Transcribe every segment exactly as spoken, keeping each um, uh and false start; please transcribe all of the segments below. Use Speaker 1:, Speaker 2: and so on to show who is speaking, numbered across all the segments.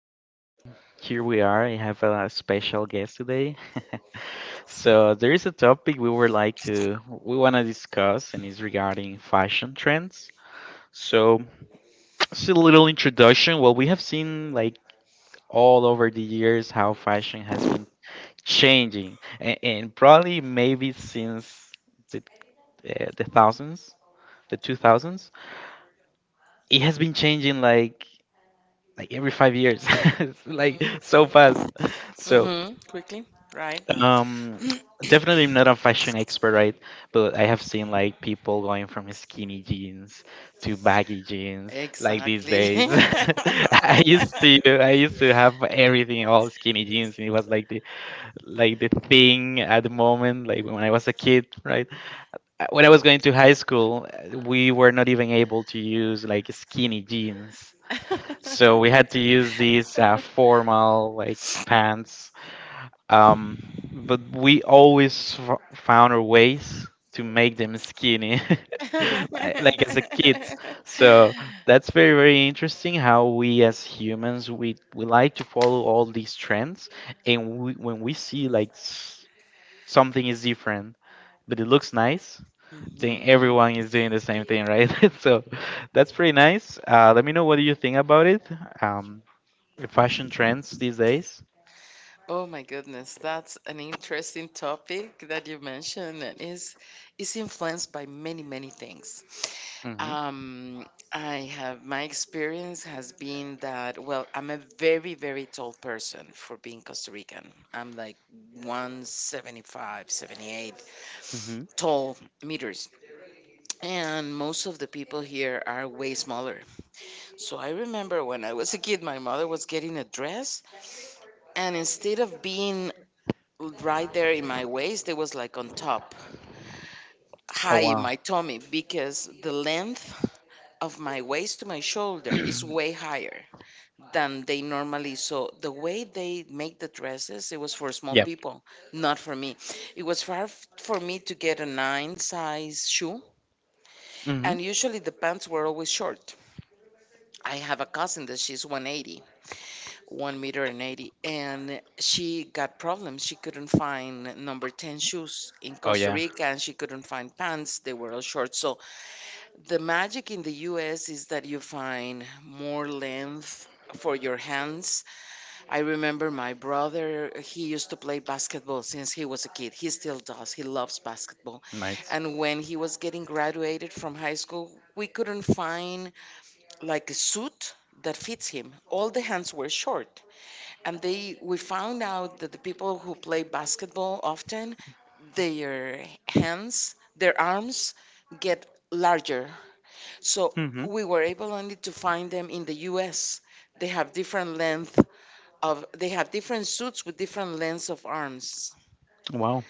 Speaker 1: Um, here we are. I have a special guest today. So there is a topic we would like to we want to discuss, and it's regarding fashion trends. So just a little introduction. Well, we have seen like all over the years how fashion has been changing, and, and probably maybe since the uh, the thousands, the two thousands, it has been changing like like every five years. It's like so fast. So.
Speaker 2: Mm-hmm. Quickly, right?
Speaker 1: Um, Definitely I'm not a fashion expert, right? But I have seen like people going from skinny jeans to baggy jeans, like these
Speaker 2: Exactly.
Speaker 1: days. I used to, I used to have everything all skinny jeans, and it was like the like the thing at the moment, like when I was a kid, right? Uh, When I was going to high school, uh, we were not even able to use like skinny jeans, so we had to use these uh, formal like pants, um, but we always f- found our ways to make them skinny, like, like as a kid. So that's very, very interesting how we as humans we we like to follow all these trends, and we, when we see like s- something is different, but it looks nice, then
Speaker 2: Mhm.
Speaker 1: everyone is doing the same thing, right? So that's pretty nice. Uh, let me know what do you think about it. Um, the fashion trends these days.
Speaker 2: Oh my goodness, that's an interesting topic that you mentioned and is is influenced by many, many things.
Speaker 1: Hmm.
Speaker 2: Um, I have my experience has been that, well, I'm a very, very tall person for being Costa Rican. I'm like one seventy-five, seventy-eight tall meters. And most of the people here are way smaller. So I remember when I was a kid, my mother was getting a dress, and instead of being right there in my waist, it was like on top,
Speaker 1: Oh
Speaker 2: high in
Speaker 1: wow.
Speaker 2: my tummy, because the length of my waist to my shoulder is way higher than they normally, so the way they make the dresses, it was for small
Speaker 1: Yeah.
Speaker 2: people, not for me. It was far f- for me to get a nine size shoe,
Speaker 1: Hmm.
Speaker 2: and usually the pants were always short. I have a cousin that she's 180, 1 meter and eighty, and she got problems. She couldn't find number ten shoes in
Speaker 1: Oh
Speaker 2: Costa
Speaker 1: yeah.
Speaker 2: Rica, and she couldn't find pants. They were all short. So the magic in the US is that you find more length for your hands. I remember my brother, he used to play basketball since he was a kid. He still does. He loves basketball.
Speaker 1: Nice.
Speaker 2: And when he was getting graduated from high school, we couldn't find like a suit that fits him. All the hands were short. And they we found out that the people who play basketball often, their hands, their arms get larger. So
Speaker 1: Hmm.
Speaker 2: we were able only to find them in the U S. They have different length of, they have different suits with different lengths of arms.
Speaker 1: Wow.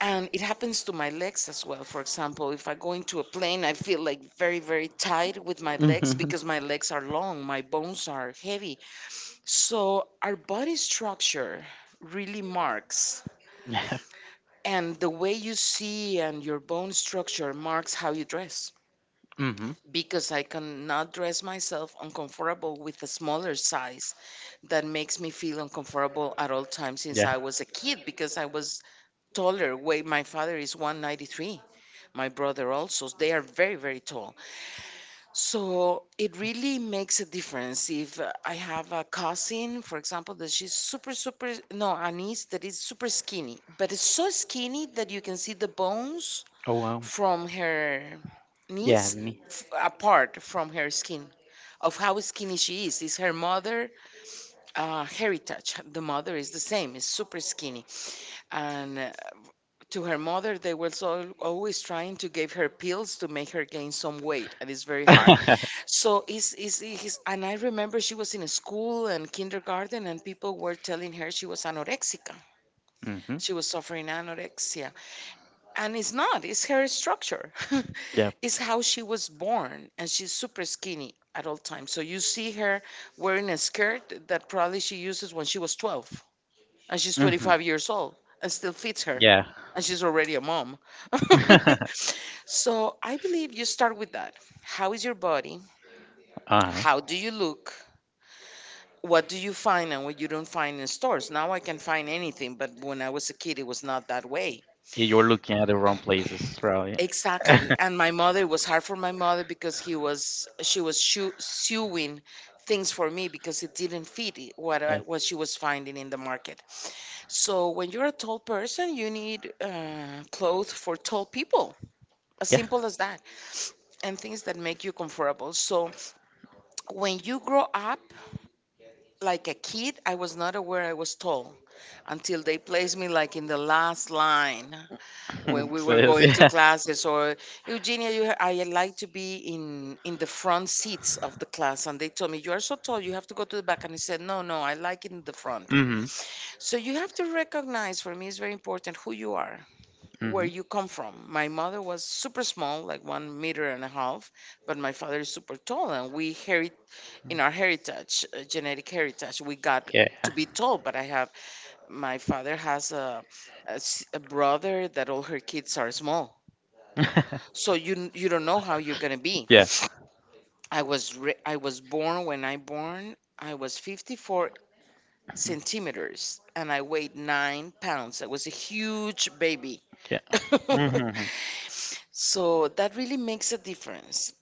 Speaker 2: And it happens to my legs as well. For example, if I go into a plane, I feel like very, very tight with my legs
Speaker 1: Hmm.
Speaker 2: because my legs are long, my bones are heavy. So our body structure really marks,
Speaker 1: Yeah.
Speaker 2: and the way you see, and your bone structure marks how you dress,
Speaker 1: Hmm.
Speaker 2: because I cannot dress myself uncomfortable with a smaller size that makes me feel uncomfortable at all times since
Speaker 1: Yeah.
Speaker 2: I was a kid, because I was taller way. My father is one ninety-three, my brother also. They are very, very tall. So it really makes a difference. If uh, I have a cousin, for example, that she's super super, no, a niece that is super skinny, but it's so skinny that you can see the bones
Speaker 1: Oh wow.
Speaker 2: from her
Speaker 1: Yeah,
Speaker 2: knees,
Speaker 1: me.
Speaker 2: f- apart from her skin. Of how skinny she is is her mother uh, heritage. The mother is the same, is super skinny. And uh, to her mother, they were so always trying to give her pills to make her gain some weight, and it's very hard. So is is is and I remember she was in a school and kindergarten, and people were telling her she was anorexica.
Speaker 1: Hmm.
Speaker 2: She was suffering anorexia. And it's not, it's her structure.
Speaker 1: Yeah.
Speaker 2: It's how she was born, and she's super skinny at all times. So you see her wearing a skirt that probably she uses when she was twelve, and she's
Speaker 1: Hmm.
Speaker 2: twenty-five years old, and still fits her.
Speaker 1: Yeah.
Speaker 2: And she's already a mom.
Speaker 1: Uh-huh.
Speaker 2: So I believe you start with that. How is your body?
Speaker 1: Yeah,
Speaker 2: How do you look? What do you find and what you don't find in stores? Now I can find anything, but when I was a kid, it was not that way.
Speaker 1: you're looking at the wrong places, right?
Speaker 2: Exactly. And my mother, it was hard for my mother, because he was she was shoe, sewing things for me because it didn't fit, i- what
Speaker 1: Yeah.
Speaker 2: I, what she was finding in the market. So when you're a tall person, you need uh, clothes for tall people, as
Speaker 1: Yeah.
Speaker 2: simple as that, and things that make you comfortable. So when you grow up, like a kid, I was not aware I was tall until they placed me like in the last line, when we
Speaker 1: So,
Speaker 2: were
Speaker 1: it's-
Speaker 2: going to
Speaker 1: yeah.
Speaker 2: classes. Or, Eugenia, you, I like to be in in the front seats of the class, and they told me, "You are so tall, you have to go to the back," and I said, "No, no, I like in the front."
Speaker 1: Hmm.
Speaker 2: So you have to recognize, for me it's very important who you are, where
Speaker 1: Hmm.
Speaker 2: you come from. My mother was super small, like one meter and a half, but my father is super tall, and we herit in our heritage, uh, genetic heritage, we got
Speaker 1: Yeah.
Speaker 2: to be tall. But I have my father has a a s a a brother that all her kids are small. So you you don't know how you're gonna be.
Speaker 1: Yeah.
Speaker 2: I was re- I was born. When I born, I was fifty-four centimeters and I weighed nine pounds. I was a huge baby.
Speaker 1: Yeah. Hmm.
Speaker 2: So that really makes a difference.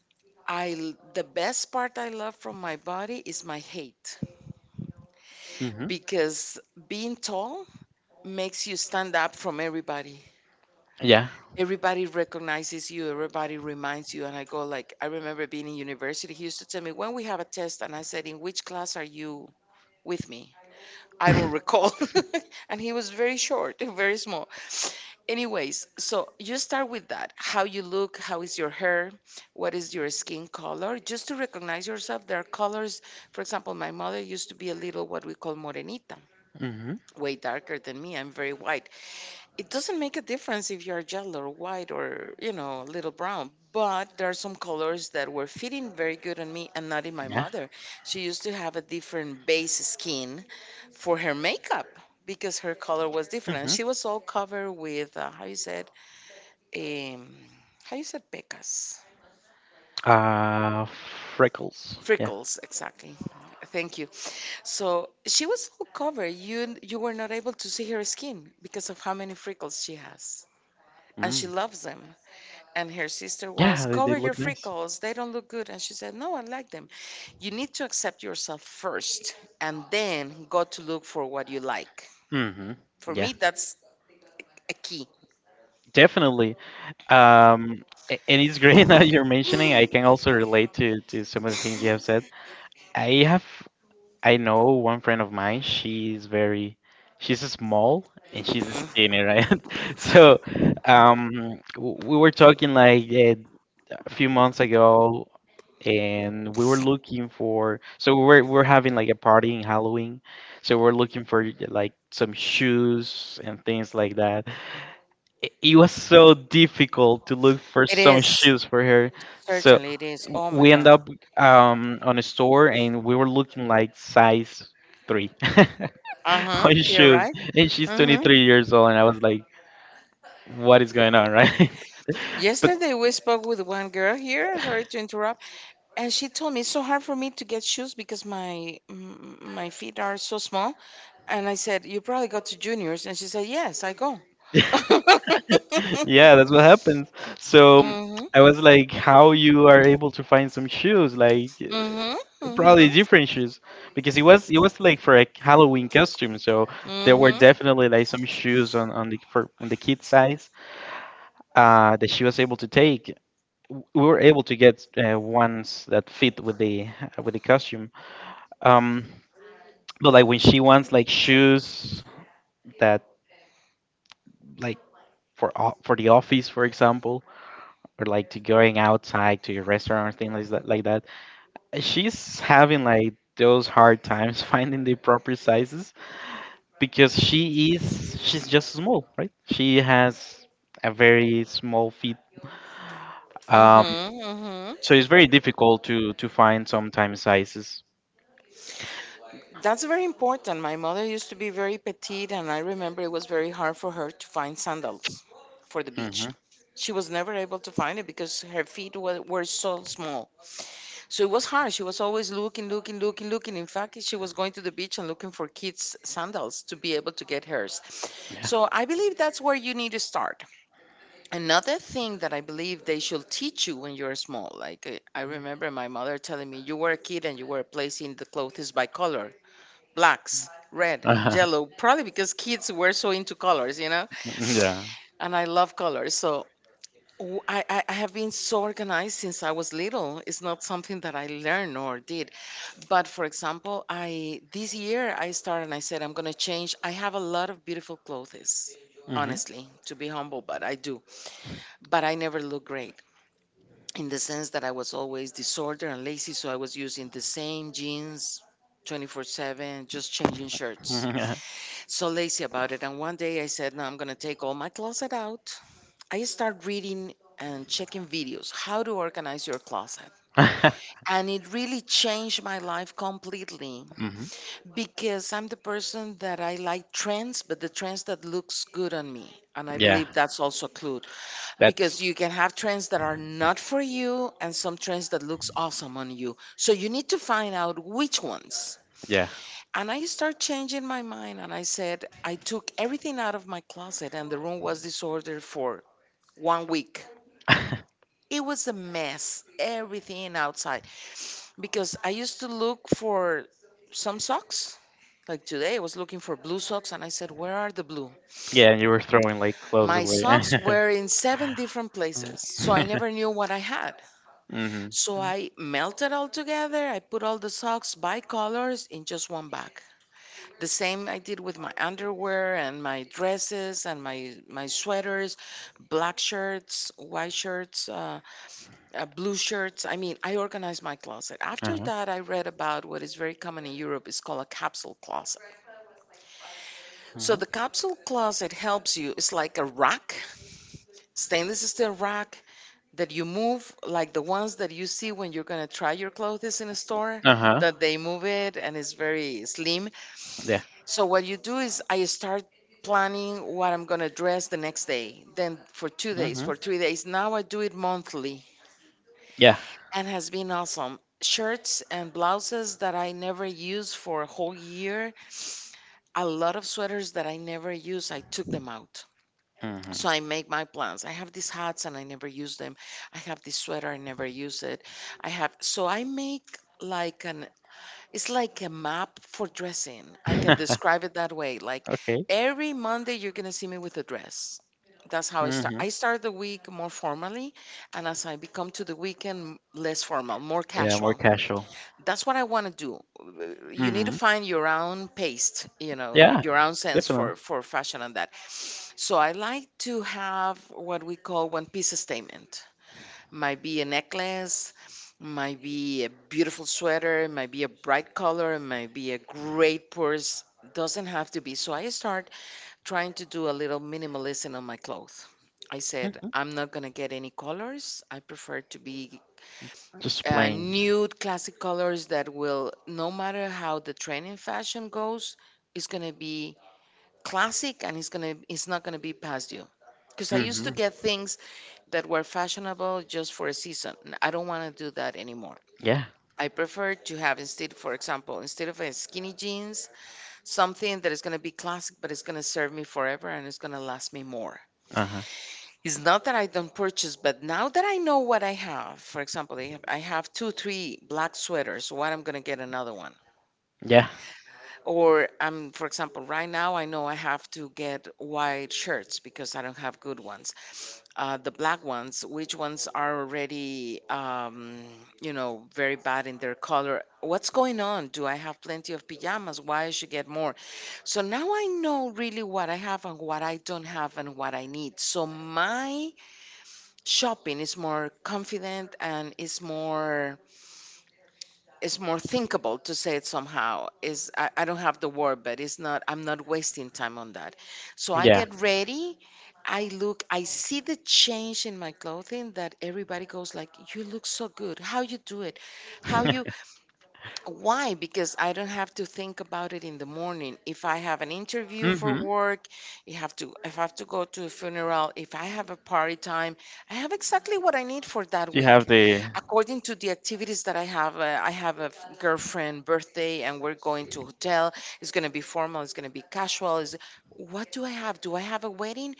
Speaker 2: I l- The best part I love from my body is my height,
Speaker 1: Hmm.
Speaker 2: because being tall makes you stand up from everybody.
Speaker 1: Yeah.
Speaker 2: Everybody recognizes you, everybody reminds you. And I go like, I remember being in university, he used to tell me, when we have a test, and I said, in which class are you with me? I don't recall. And he was very short, very small. Anyways, so you start with that, how you look, how is your hair, what is your skin color, just to recognize yourself. There are colors. For example, my mother used to be a little what we call morenita,
Speaker 1: Hmm.
Speaker 2: way darker than me. I'm very white. It doesn't make a difference if you're yellow or white or you know a little brown, but there are some colors that were fitting very good on me and not in my
Speaker 1: Yeah.
Speaker 2: mother. She used to have a different base skin for her makeup, because her color was different, and
Speaker 1: Hmm.
Speaker 2: she was all covered with, uh, how you said, um, how you said, pecas.
Speaker 1: Uh, Freckles. Yeah.
Speaker 2: Freckles, exactly, thank you. So she was all covered, you you were not able to see her skin because of how many freckles she has. And she
Speaker 1: Mm.
Speaker 2: loves them. And her sister was,
Speaker 1: Yeah, they, they
Speaker 2: cover your
Speaker 1: look nice.
Speaker 2: freckles, they don't look good. And she said, no, I like them. You need to accept yourself first and then go to look for what you like.
Speaker 1: Hmm.
Speaker 2: For me,
Speaker 1: Yeah,
Speaker 2: that's a key.
Speaker 1: definitely. Um, a- and it's great that you're mentioning. I can also relate to to some of the things you have said. I have. I know one friend of mine, she's very she's small and she's
Speaker 2: Mhm.
Speaker 1: skinny, right? So, um w- we were talking like eh, a few months ago, and we were looking for so we are we we're having like a party in Halloween. So we we're looking for like some shoes and things like that. It it was so difficult to look for
Speaker 2: It
Speaker 1: some
Speaker 2: is.
Speaker 1: shoes for her. So
Speaker 2: Certainly it is.
Speaker 1: w-
Speaker 2: Oh my
Speaker 1: we end
Speaker 2: God.
Speaker 1: up um, on a store, and we were looking like size three
Speaker 2: Uh huh.
Speaker 1: on
Speaker 2: You're
Speaker 1: shoes.
Speaker 2: right.
Speaker 1: And she's
Speaker 2: Mm-hmm.
Speaker 1: twenty-three years old, and I was like, what is going on, right? But
Speaker 2: Yesterday we spoke with one girl here. Sorry to interrupt, and she told me, it's so hard for me to get shoes because my mm, my feet are so small. And I said, "You probably go to juniors," and she said, "Yes, I go." Yeah,
Speaker 1: yeah, that's
Speaker 2: that's
Speaker 1: what
Speaker 2: what happened.
Speaker 1: happens.
Speaker 2: So,
Speaker 1: So
Speaker 2: mhm.
Speaker 1: I was like, how you are able to find some shoes like
Speaker 2: Mhm.
Speaker 1: uh,
Speaker 2: Well,
Speaker 1: probably
Speaker 2: mhm, if
Speaker 1: different shoes, because it was it was like for a Halloween costume. So
Speaker 2: there
Speaker 1: there
Speaker 2: were,
Speaker 1: were
Speaker 2: mhm,
Speaker 1: definitely
Speaker 2: definitely
Speaker 1: like some
Speaker 2: some
Speaker 1: shoes
Speaker 2: shoes on
Speaker 1: on on the for on the
Speaker 2: the
Speaker 1: kid
Speaker 2: kid side.
Speaker 1: size uh that she was able to take. W- we were able to get uh, ones that fit with the with the costume. um but like when she wants like shoes that like for o- for the office, for example, or like to going outside to a restaurant or things like that, like that. She's having like those hard times finding the proper sizes because she is she's just small, right? She has a very small feet,
Speaker 2: Um,
Speaker 1: um,
Speaker 2: Mhm. Mhm.
Speaker 1: so
Speaker 2: So
Speaker 1: it's
Speaker 2: it's
Speaker 1: very
Speaker 2: very
Speaker 1: difficult
Speaker 2: difficult to.
Speaker 1: to to find sometimes sizes.
Speaker 2: That's very important. My mother used to be very petite, and I remember it was very hard for her to find sandals for the beach.
Speaker 1: Hmm.
Speaker 2: She was never able to find it because her feet were, were so small. So it was hard. She was always looking, looking, looking, looking. In fact, she was going to the beach and looking for kids' sandals to be able to get hers.
Speaker 1: Yeah.
Speaker 2: So I believe that's where you need to start. Another thing that I believe they should teach you when you're small, like uh, I remember my mother telling me, you were a kid and you were placing the clothes by color, blacks, red, yellow, probably because kids were so into colors, you know?
Speaker 1: Yeah.
Speaker 2: And I love colors. So w- I, I I have been so organized since I was little. It's not something that I learned or did. But for example, I this year I started, and I said, I'm gonna change. I have a lot of beautiful clothes,
Speaker 1: Hmm.
Speaker 2: honestly, to be humble, but I do. But I never look great, in the sense that I was always disordered and lazy, so I was using the same jeans twenty-four seven, just changing shirts.
Speaker 1: Hmm. Hmm.
Speaker 2: So lazy about it. And one day I said, no, I'm gonna take all my closet out. I start reading and checking videos how to organize your closet, and it really changed my life completely. Because I'm the person that I like trends, but the trends that looks good on me. And I
Speaker 1: Yeah,
Speaker 2: believe that's also a clue.
Speaker 1: that's
Speaker 2: Because you can have trends that are not for you, and some trends that looks awesome on you. So you need to find out which ones.
Speaker 1: yeah.
Speaker 2: And I start changing my mind, and I said, I took everything out of my closet, and the room was disordered for one week. It was a mess, everything outside. Because I used to look for some socks. Like today, I was looking for blue socks and I said, where are the blue?
Speaker 1: Yeah. You were throwing like clothes
Speaker 2: My
Speaker 1: away.
Speaker 2: socks were in seven different
Speaker 1: Hmm.
Speaker 2: places, so I never knew what I had. So I melted all together. I put all the socks by colors in just one bag. The same I did with my underwear and my dresses and my, my sweaters, black shirts, white shirts, uh, uh, blue shirts. I mean, I organized my closet. After
Speaker 1: Uh-huh.
Speaker 2: that, I read about what is very common in Europe is called a capsule closet. So the capsule closet helps you. It's like a rack, stainless steel rack that you move, like the ones that you see when you're gonna try your clothes in a store.
Speaker 1: Uh-huh.
Speaker 2: That they move it and it's
Speaker 1: Uh-huh.
Speaker 2: very slim.
Speaker 1: Yeah.
Speaker 2: So what you do is I start planning what I'm gonna dress the next day, then for two days,
Speaker 1: Hmm.
Speaker 2: for three days. Now I do it monthly
Speaker 1: Yeah.
Speaker 2: and has been awesome. Shirts and blouses that I never use for a whole year, a lot of sweaters that I never use, I took them out.
Speaker 1: Hmm.
Speaker 2: So I make my plans. I have these hats and I never use them. I have this sweater, I never use it. I have, so I make like an, it's like a map for dressing. I can describe it that way. Like
Speaker 1: Okay.
Speaker 2: every Monday, you're going to see me with a dress. That's how I start.
Speaker 1: Hmm.
Speaker 2: I start the week more formally, and as I become to the weekend, less formal, more
Speaker 1: Yeah, more
Speaker 2: casual.
Speaker 1: casual.
Speaker 2: That's what I want to do. Uh, You need to
Speaker 1: Hmm.
Speaker 2: find your own pace, you know, yeah,
Speaker 1: Yeah,
Speaker 2: your own sense
Speaker 1: definitely.
Speaker 2: for for fashion and that. So I like to have what we call one piece statement. Might be a necklace, might be a beautiful sweater, might be a bright color, might be a great purse. Doesn't have to be. So I start trying to do a little minimalism on my clothes. I said,
Speaker 1: Hmm.
Speaker 2: I'm not going to get any colors. I prefer to be
Speaker 1: Just
Speaker 2: uh,
Speaker 1: playing.
Speaker 2: nude classic colors that will, no matter how the trend in fashion goes, is going to be classic, and it's going to it's not going to be past due. Because I used
Speaker 1: Hmm.
Speaker 2: to get things that were fashionable just for a season, and I don't want to do that anymore.
Speaker 1: Yeah.
Speaker 2: I prefer to have instead, for example, instead of a skinny jeans, something that is going to be classic, but it's going to serve me forever and it's going to last me more.
Speaker 1: Uh huh.
Speaker 2: It's not that I don't purchase, but now that I know what I have, for example, I have, I have two, three black sweaters. So what I'm gonna get another one,
Speaker 1: Yeah.
Speaker 2: or I'm, for example, right now I know I have to get white shirts because I don't have good ones. Uh, the black ones, which ones are already, um, you know, very bad in their color. What's going on? Do I have plenty of pajamas? Why I should get more? So now I know really what I have and what I don't have and what I need. So my shopping is more confident and is more is more thinkable, to say it somehow. Is I, I don't have the word, but it's not I'm not wasting time on that. So I
Speaker 1: Yeah.
Speaker 2: get ready, I look, I see the change in my clothing, that everybody goes like, You look so good, how you do it, how you, why? Because I don't have to think about it in the morning. If I have an interview for
Speaker 1: Mm-hmm.
Speaker 2: work, you have to if I have to go to a funeral, if I have a party time, I have exactly what I need for that
Speaker 1: You have
Speaker 2: week.
Speaker 1: the.
Speaker 2: According to the activities that I have, uh, I have a f- girlfriend birthday and we're going to hotel. It's going to be formal, it's going to be casual. Is What do I have? Do I have a wedding?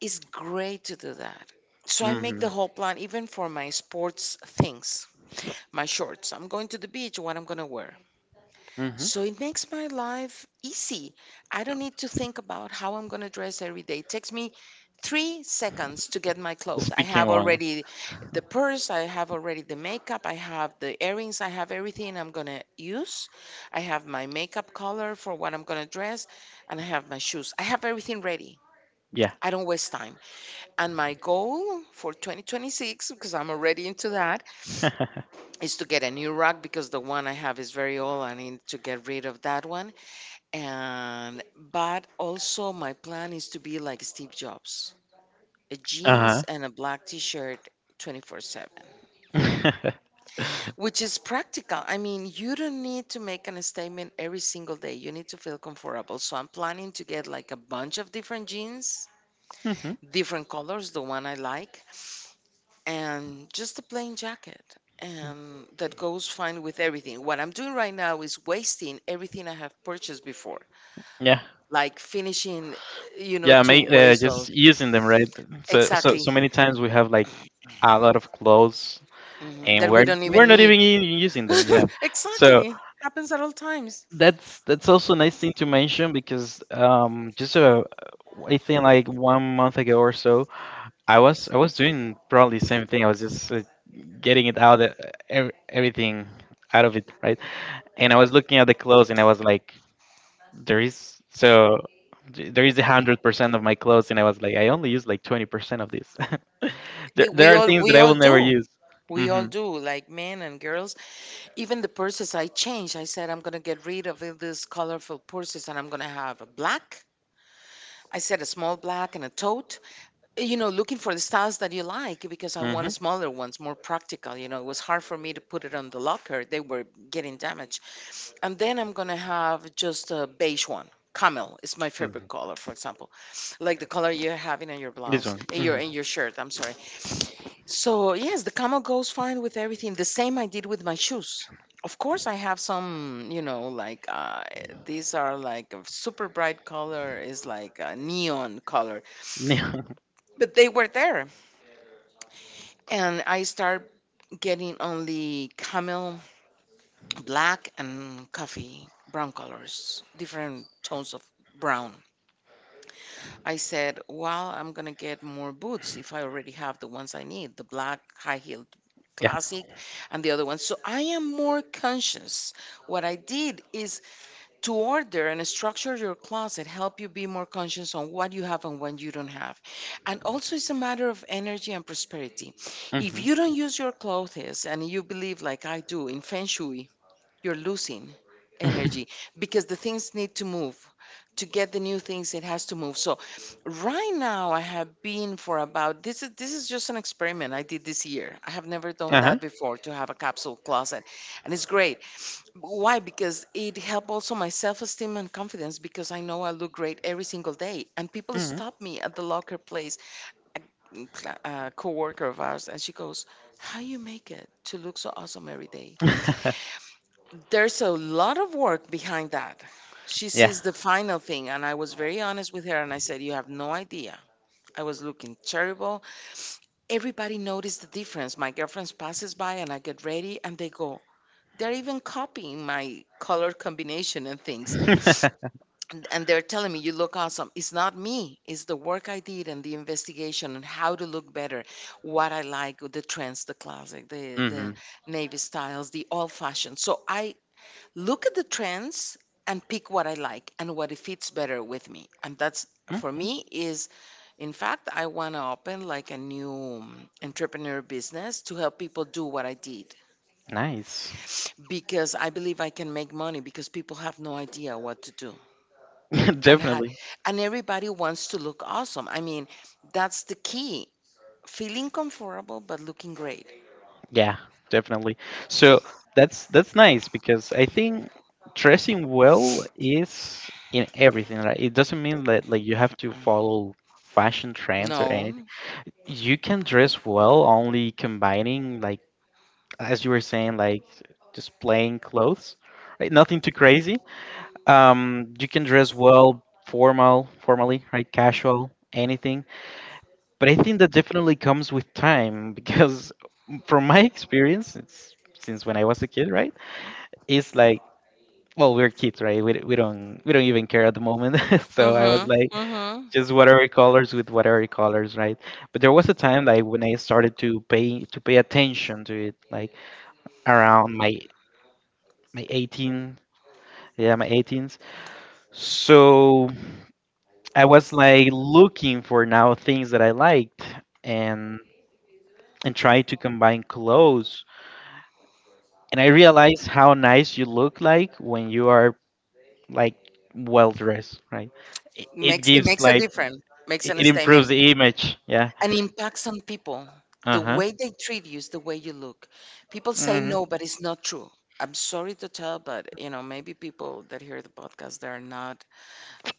Speaker 2: It's great to do that. So I make the whole plan even for my sports things.
Speaker 1: Mm-hmm.
Speaker 2: My shorts. I'm going to the beach, what I'm going to wear.
Speaker 1: Mm-hmm.
Speaker 2: So it makes my life easy. I don't need to think about how I'm going to dress every day. It takes me three seconds to get my
Speaker 1: The
Speaker 2: clothes. I
Speaker 1: speaking
Speaker 2: have
Speaker 1: one.
Speaker 2: already the purse, I have already the makeup, I have the earrings, I have everything I'm going to use. I have my makeup color for what I'm going to dress, and I have my shoes. I have everything ready.
Speaker 1: Yeah.
Speaker 2: I don't waste time. And my goal for twenty twenty-six, because I'm already into that,
Speaker 1: Uh
Speaker 2: is to get a new rug because the one I have is very old. I need to get rid of that one, and but also my plan is to be like Steve Jobs, a jeans
Speaker 1: huh.
Speaker 2: and a black t-shirt twenty-four seven, which is practical. I mean, you don't need to make an statement every single day. You need to feel comfortable. So I'm planning to get like a bunch of different jeans,
Speaker 1: Mm-hmm.
Speaker 2: different colors, the one I like, and just a plain jacket. And that goes fine with everything. What I'm doing right now is wasting everything I have purchased before. Yeah.
Speaker 1: Yeah.
Speaker 2: Like finishing, eh, you know, I
Speaker 1: Yeah.
Speaker 2: to
Speaker 1: Make uh,
Speaker 2: waste
Speaker 1: just
Speaker 2: those. Like.
Speaker 1: using them right. So so
Speaker 2: Exactly.
Speaker 1: so many times we have like a lot of clothes,
Speaker 2: Mhm.
Speaker 1: and
Speaker 2: That we where
Speaker 1: we're
Speaker 2: don't
Speaker 1: we're
Speaker 2: even
Speaker 1: not
Speaker 2: need
Speaker 1: even u- using
Speaker 2: them.
Speaker 1: them, yeah.
Speaker 2: So
Speaker 1: So
Speaker 2: exactly. Happens at all times. Eh,
Speaker 1: that's that's also a nice thing to mention, because um just uh I think like one month ago or so, i was i was doing probably the same thing. I was just uh, getting it out, uh, ev- everything out of it, right? And I was looking at the clothes, and I was like, there is so th- there is a hundred percent of my clothes, and I was like, I only use like twenty percent of this. there,
Speaker 2: th-
Speaker 1: there
Speaker 2: we
Speaker 1: are
Speaker 2: all
Speaker 1: things that
Speaker 2: we
Speaker 1: I
Speaker 2: all
Speaker 1: will
Speaker 2: even
Speaker 1: never
Speaker 2: more do,
Speaker 1: use.
Speaker 2: overuse. We all
Speaker 1: Hmm.
Speaker 2: do, like men and girls. Even the purses I changed. I said I'm gonna get rid of all these colorful purses and I'm gonna have a black. I said a small black and a tote. You know, looking for the styles that you like because I
Speaker 1: Hmm.
Speaker 2: want smaller ones, more practical. You know, it was hard for me to put it on the locker. They were getting damaged. And then I'm going to have just a beige one. Camel is my favorite color, for example, like the color you're having on your blouse, in your in your shirt. I'm sorry. So yes, the camel goes fine with everything. The same I did with my shoes. Of course, I have some, you know, like uh, these are like a super bright color, is like a neon color,
Speaker 1: Yeah.
Speaker 2: but they were there and I started getting only camel, black, and coffee, brown colors, different tones of brown. I said, Well, I'm going to get more boots if I already have the ones I need, the black, high heeled classic, and the other one. So I am more conscious. What I did is to order and structure your closet, help you be more conscious on what you have and what you don't have. And also, it's a matter of energy and prosperity. If
Speaker 1: Hmm.
Speaker 2: you don't use your clothes and you believe like I do in feng shui, you're losing energy, because the things need to move. To get the new things, it has to move. So right now, I have been for about, this is this is just an experiment I did this year. I have never done that before, to have a capsule closet. And it's great. Why? Because it helped also my self esteem and confidence, because I know I look great every single day. And people stop me at the locker place, a, cl- a coworker of ours, and she goes, How you make it to look so awesome every day? There's a lot of work behind that. She
Speaker 1: Yeah.
Speaker 2: sees the final thing, and I was very honest with her, and I said, You have no idea. I was looking terrible. Everybody noticed the difference. My girlfriend passes by, and I get ready, and they go, They're even copying my color combination and things. and and they're telling me, You look awesome. It's not me. It's the work I did and the investigation and how to look better, what I like, the trends, the classic, the the
Speaker 1: Mm-hmm.
Speaker 2: navy styles, the old fashioned. So I look at the trends and pick what I like and what it fits better with me. And that's for
Speaker 1: Hmm.
Speaker 2: me is, in fact, I want to open like a new um, entrepreneur business to help people do what I did,
Speaker 1: Nice.
Speaker 2: because I believe I can make money because people have no idea what to do. and ha-
Speaker 1: Definitely.
Speaker 2: and everybody wants to look awesome. I mean, that's the key. Feeling comfortable but looking great.
Speaker 1: Yeah, definitely. So that's that's nice, because I think dressing well is in everything, right? It doesn't mean that like you have to follow fashion trends or anything.
Speaker 2: No.
Speaker 1: You can dress well only combining like, as you were saying, like just plain clothes, right? Nothing too crazy. Um, you can dress well formal, formally, right? Casual, anything. But I think that definitely comes with time, because from my experience, it's since when I was a kid, right? It's like, well, we're kids, right? We, we don't we don't even care at the moment. So I was
Speaker 2: Mhm.
Speaker 1: like
Speaker 2: Mhm.
Speaker 1: just whatever colors with whatever colors, right? But there was a time like when I started to pay to pay attention to it, like around my my eighteen, yeah, my eighteens. So I was like looking for now things that I liked, and and try to combine clothes, and I realize how nice you look like when you are like well dressed, right? It, it
Speaker 2: Makes it
Speaker 1: gives
Speaker 2: makes a
Speaker 1: like
Speaker 2: difference. Makes
Speaker 1: it,
Speaker 2: an
Speaker 1: it improves
Speaker 2: statement
Speaker 1: the image. Yeah.
Speaker 2: and impacts on people.
Speaker 1: Uh
Speaker 2: The
Speaker 1: huh.
Speaker 2: way they treat you is the way you look. People say
Speaker 1: Mhm.
Speaker 2: no, but it's not true. I'm sorry to tell, but you know, maybe people that hear the podcast they're not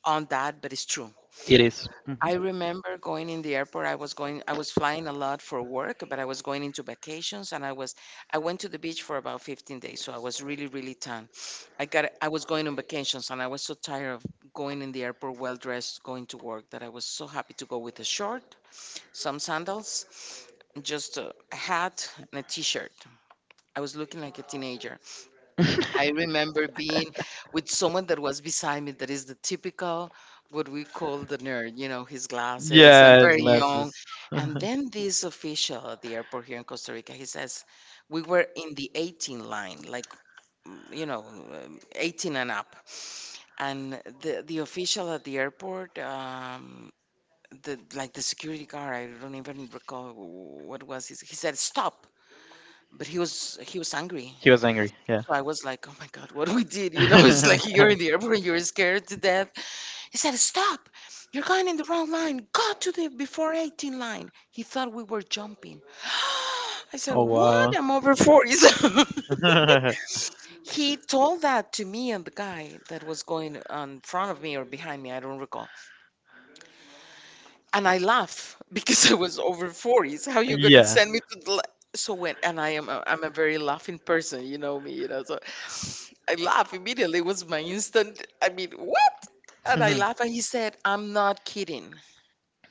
Speaker 2: on that, but it's true.
Speaker 1: It is.
Speaker 2: I
Speaker 1: Mhm.
Speaker 2: remember going in the airport. I was going, I was flying a lot for work, but I was going into vacations and I was, I went to the beach for about fifteen days. So I was really, really tan. I got, I was going on vacations and I was so tired of going in the airport well dressed, going to work that I was so happy to go with a short, some sandals, just a hat and a t shirt. I was looking like a teenager. I remember being with someone that was beside me that is the typical what we call the nerd, you know, his glasses. I'm
Speaker 1: Yeah, his
Speaker 2: very young.
Speaker 1: glasses.
Speaker 2: Yes. And then this official at the airport here in Costa Rica, he says, we were in the eighteen line, like, mm, you know, um, eighteen and up. And the, the official at the airport, um, the like the security guard, I don't even recall what was his. He said, stop. But he was he was angry.
Speaker 1: He was angry. Yeah.
Speaker 2: So I was like, oh my God, what we did? You know, it's like you're in the airport and you're scared to death. He said, stop. You're going in the wrong line. Go to the before eighteen line. He thought we were jumping. I said,
Speaker 1: Oh wow.
Speaker 2: what? I'm over forty. So he told that to me and the guy that was going on front of me or behind me. I don't recall. And I laugh because I was over forties. How you, yeah, gonna, yes,
Speaker 1: Yeah.
Speaker 2: send me to the la-, so when and I am a, I'm a very laughing person, you know me, you know. So I laugh immediately. It was my instant. I mean, what? And I
Speaker 1: Mhm.
Speaker 2: laugh and he said, I'm not kidding.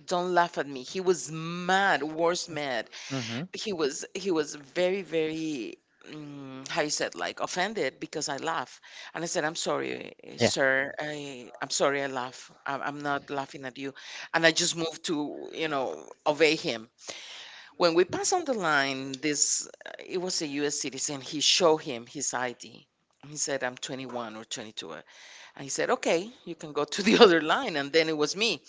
Speaker 2: Don't laugh at me. He was mad, worse mad
Speaker 1: Mhm.
Speaker 2: he was he was very very, mm, how you said, like offended because I laugh. And I said, I'm sorry, eh,
Speaker 1: Yeah.
Speaker 2: sir. I I'm sorry I laugh. I'm, I'm not laughing at you. And I just moved to you know obey him. When we pass on the line, this, uh, it was a U S citizen. He showed him his I D. He said, I'm twenty-one or twenty-two. I said, okay, you can go to the other line. And then it was me.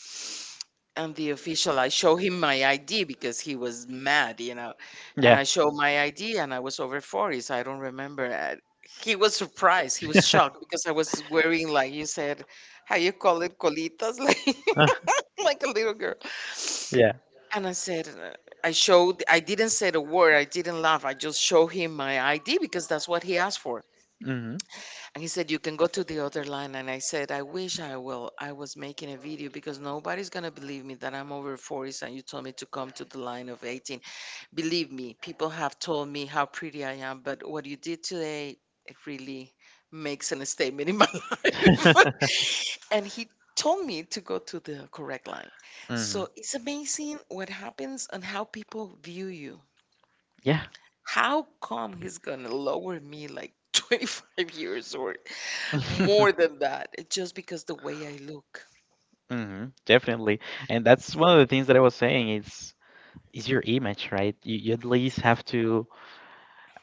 Speaker 2: And the official, I show him my I D because he was mad, you know. And
Speaker 1: Yeah.
Speaker 2: I show my I D and I was over forty, so I don't remember. I- He was surprised. He was shocked because I was wearing, like you said, how you call it, colitas, like, like a little girl.
Speaker 1: Yeah.
Speaker 2: And I said, uh, I showed, I didn't say the word. I didn't laugh. I just showed him my I D because that's what he asked for.
Speaker 1: Mhm.
Speaker 2: And he said, You can go to the other line. And I said, I wish I will. I was making a video because nobody's going to believe me that I'm over forties and you told me to come to the line of eighteen. Believe me, people have told me how pretty I am, but what you did today, it really makes a statement in my life. and he told me to go to the correct line.
Speaker 1: Mhm.
Speaker 2: So it's amazing what happens and how people view you.
Speaker 1: Yeah.
Speaker 2: How come he's going to lower me like twenty-five years or more than that, it's just because the way I look.
Speaker 1: Hmm. Definitely. And that's one of the things that I was saying is is your image, right? You, you at least have to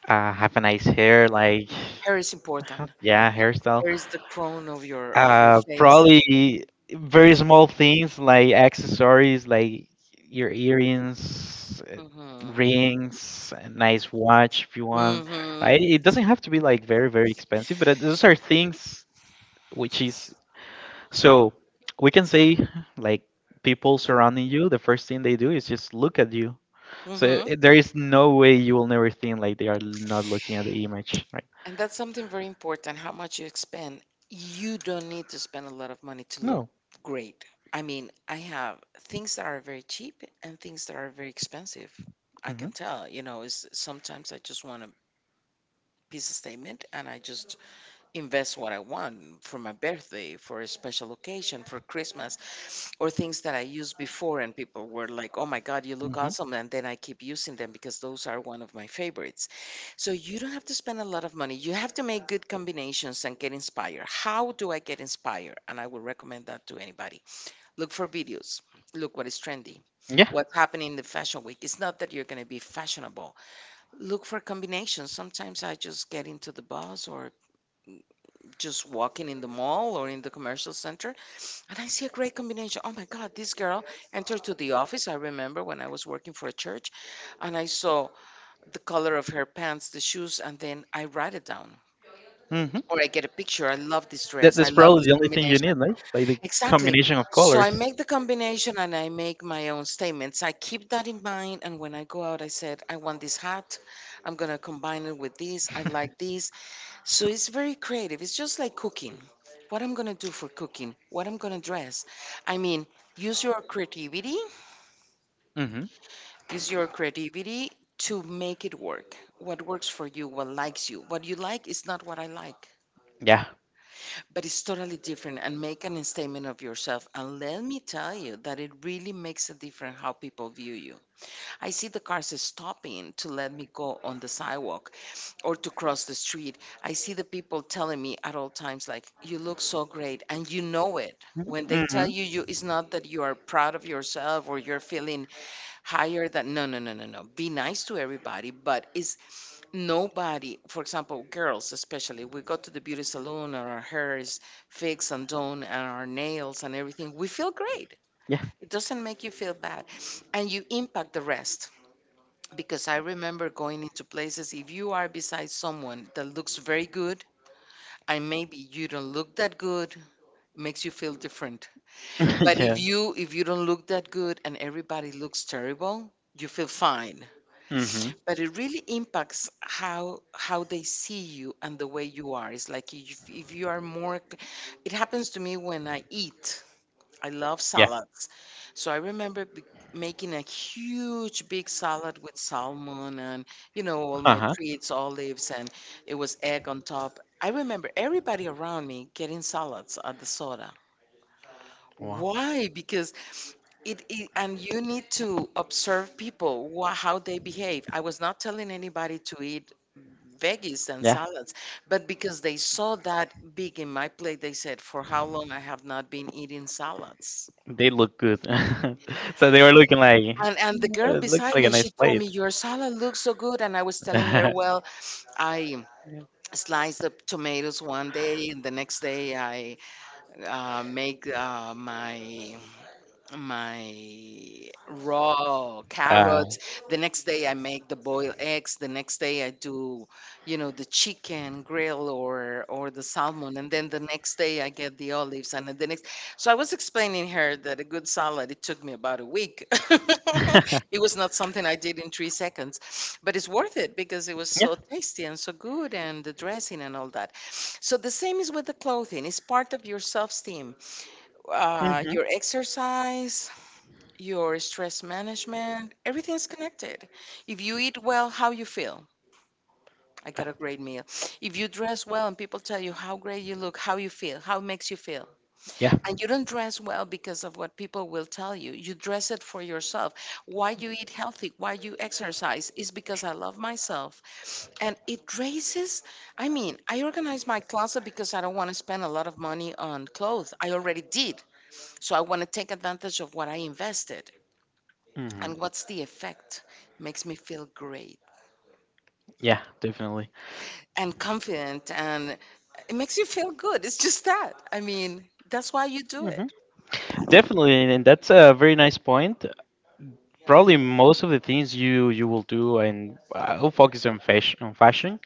Speaker 1: uh, have a nice hair, like
Speaker 2: Hair is
Speaker 1: ha-
Speaker 2: important.
Speaker 1: yeah, hairstyle.
Speaker 2: Hair is the crown of your of your
Speaker 1: Uh,
Speaker 2: face.
Speaker 1: probably very small things like accessories, like your earrings, uh,
Speaker 2: Mm-hmm.
Speaker 1: rings, a nice watch if you want.
Speaker 2: Mm-hmm.
Speaker 1: Right? It doesn't have to be like very very expensive, but uh, those are things, which is, so we can say like people surrounding you, the first thing they do is just look at you. So
Speaker 2: Mm-hmm.
Speaker 1: i- there is no way you will never think like they are not looking at the image, right?
Speaker 2: And that's something very important, how much you spend. You don't need to spend a lot of money to look
Speaker 1: No.
Speaker 2: great. I mean, I have things that are very cheap and things that are very expensive. I can
Speaker 1: Hmm.
Speaker 2: tell, you know, is sometimes I just want a piece of statement and I just invest what I want for my birthday, for a special occasion, for Christmas, or things that I used before. And people were like, oh my God, you look
Speaker 1: Hmm.
Speaker 2: awesome. And then I keep using them because those are one of my favorites. So you don't have to spend a lot of money. You have to make good combinations and get inspired. How do I get inspired? And I would recommend that to anybody. Look for videos. Look what is trendy.
Speaker 1: Yeah.
Speaker 2: What's happening in the fashion week. It's not that you're going to be fashionable. Look for combinations. Sometimes I just get into the bus or just walking in the mall or in the commercial center and I see a great combination. Oh my God, this girl entered to the office. I remember when I was working for a church and I saw the color of her pants, the shoes, and then I write it down.
Speaker 1: Hmm.
Speaker 2: Or I get a picture. I love this
Speaker 1: That,
Speaker 2: dress. I
Speaker 1: that's
Speaker 2: love this
Speaker 1: probably the only thing you
Speaker 2: combination.
Speaker 1: need, right? Like the
Speaker 2: Exactly.
Speaker 1: combination of
Speaker 2: So I
Speaker 1: colors.
Speaker 2: make the combination and I make my own statements. I keep that in mind. And when I go out, I said, I want this hat. I'm going to combine it with this. I like this. So it's very creative. It's just like cooking. What I'm gonna do for cooking, what I'm gonna dress. I mean, use your creativity,
Speaker 1: Mm-hmm.
Speaker 2: use your creativity to make it work. What works for you, what likes you. What you like is not what I like,
Speaker 1: Yeah.
Speaker 2: but it's totally different and make an statement of yourself. And let me tell you that it really makes a difference how people view you. I see the cars stopping to let me go on the sidewalk or to cross the street. I see the people telling me at all times, like, you look so great, and you know it. When they
Speaker 1: Mm-hmm.
Speaker 2: tell you, you it's not that you are proud of yourself or you're feeling higher than no, no, no, no, no. Be nice to everybody, but is nobody. For example, girls especially, we go to the beauty salon and our hair is fixed and done and our nails and everything. We feel great.
Speaker 1: Yeah.
Speaker 2: It doesn't make you feel bad, and you impact the rest because I remember going into places. If you are beside someone that looks very good, and maybe you don't look that good, makes you feel different. But if
Speaker 1: Yeah.
Speaker 2: you if you don't look that good and everybody looks terrible, you feel fine.
Speaker 1: Mm-hmm.
Speaker 2: But it really impacts how how they see you and the way you are. It's like if if you are more. It happens to me when I eat. I love
Speaker 1: Yeah.
Speaker 2: salads. So I remember b- making a huge big salad with salmon and, you know, all my
Speaker 1: Uh-huh.
Speaker 2: treats, olives, and it was egg on top. I remember everybody around me getting salads at the soda.
Speaker 1: Wow.
Speaker 2: Why? Because it, it and you need to observe people wha how they behave. I was not telling anybody to eat veggies and
Speaker 1: Yeah.
Speaker 2: salads, but because they saw that big in my plate, they said, "For how long I have not been eating salads?"
Speaker 1: They look good. So they were looking like,
Speaker 2: And and the girl
Speaker 1: Oh, it looks
Speaker 2: beside
Speaker 1: like a
Speaker 2: me,
Speaker 1: nice
Speaker 2: she told
Speaker 1: plate.
Speaker 2: me your salad looks so good, and I was telling her,
Speaker 1: uh,
Speaker 2: well, I slice the tomatoes one day, and the next day I uh, make uh, my my raw carrots. The next day I make the boiled eggs. The next day I do, you know, the chicken grill or or the salmon. And then the next day I get the olives. And then the next, so I was explaining her that a good salad it took me about a week. It was not something I did in three seconds, but it's worth it because it was so tasty and so good, and the dressing and all that. So the same is with the clothing. It's part of your self-esteem uh, your exercise, your stress management, everything's connected. If you eat well, how you feel. I got a great meal. If you dress well and people tell you how great you look, how you feel, how it makes you feel.
Speaker 1: Yeah.
Speaker 2: And you don't dress well because of what people will tell you. You dress it for yourself. Why you eat healthy, why you exercise is because I love myself. And it raises, I mean, I organize my closet because I don't want to spend a lot of money on clothes. I already did. So I want to take advantage of what I invested.
Speaker 1: Hmm.
Speaker 2: And what's the effect, makes me feel great
Speaker 1: Yeah, definitely.
Speaker 2: and confident, and it makes you feel good. It's just that, I mean, that's why you do
Speaker 1: Mm-hmm.
Speaker 2: it.
Speaker 1: Definitely, and and that's a very nice point. Probably most of the things you you will do, and I'll focus on fashion. On fashion.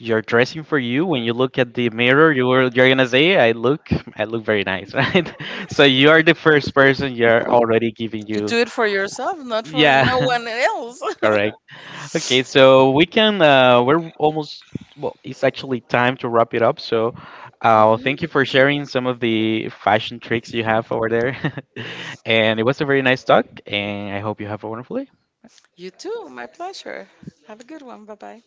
Speaker 1: You're dressing for you. When you look at the mirror, you are you're gonna say, I look, i look very nice, right? So you are the first person. You're already giving
Speaker 2: You
Speaker 1: you,
Speaker 2: do it for yourself, not for
Speaker 1: yeah.
Speaker 2: no one else.
Speaker 1: Correct. Okay, so we can uh we're almost, well, it's actually time to wrap it up. So
Speaker 2: Mhm.
Speaker 1: uh thank you for sharing some of the fashion tricks you have over there. And it was a very nice talk, and I hope you have a wonderful day.
Speaker 2: You too, my pleasure. Have a good one. Bye bye.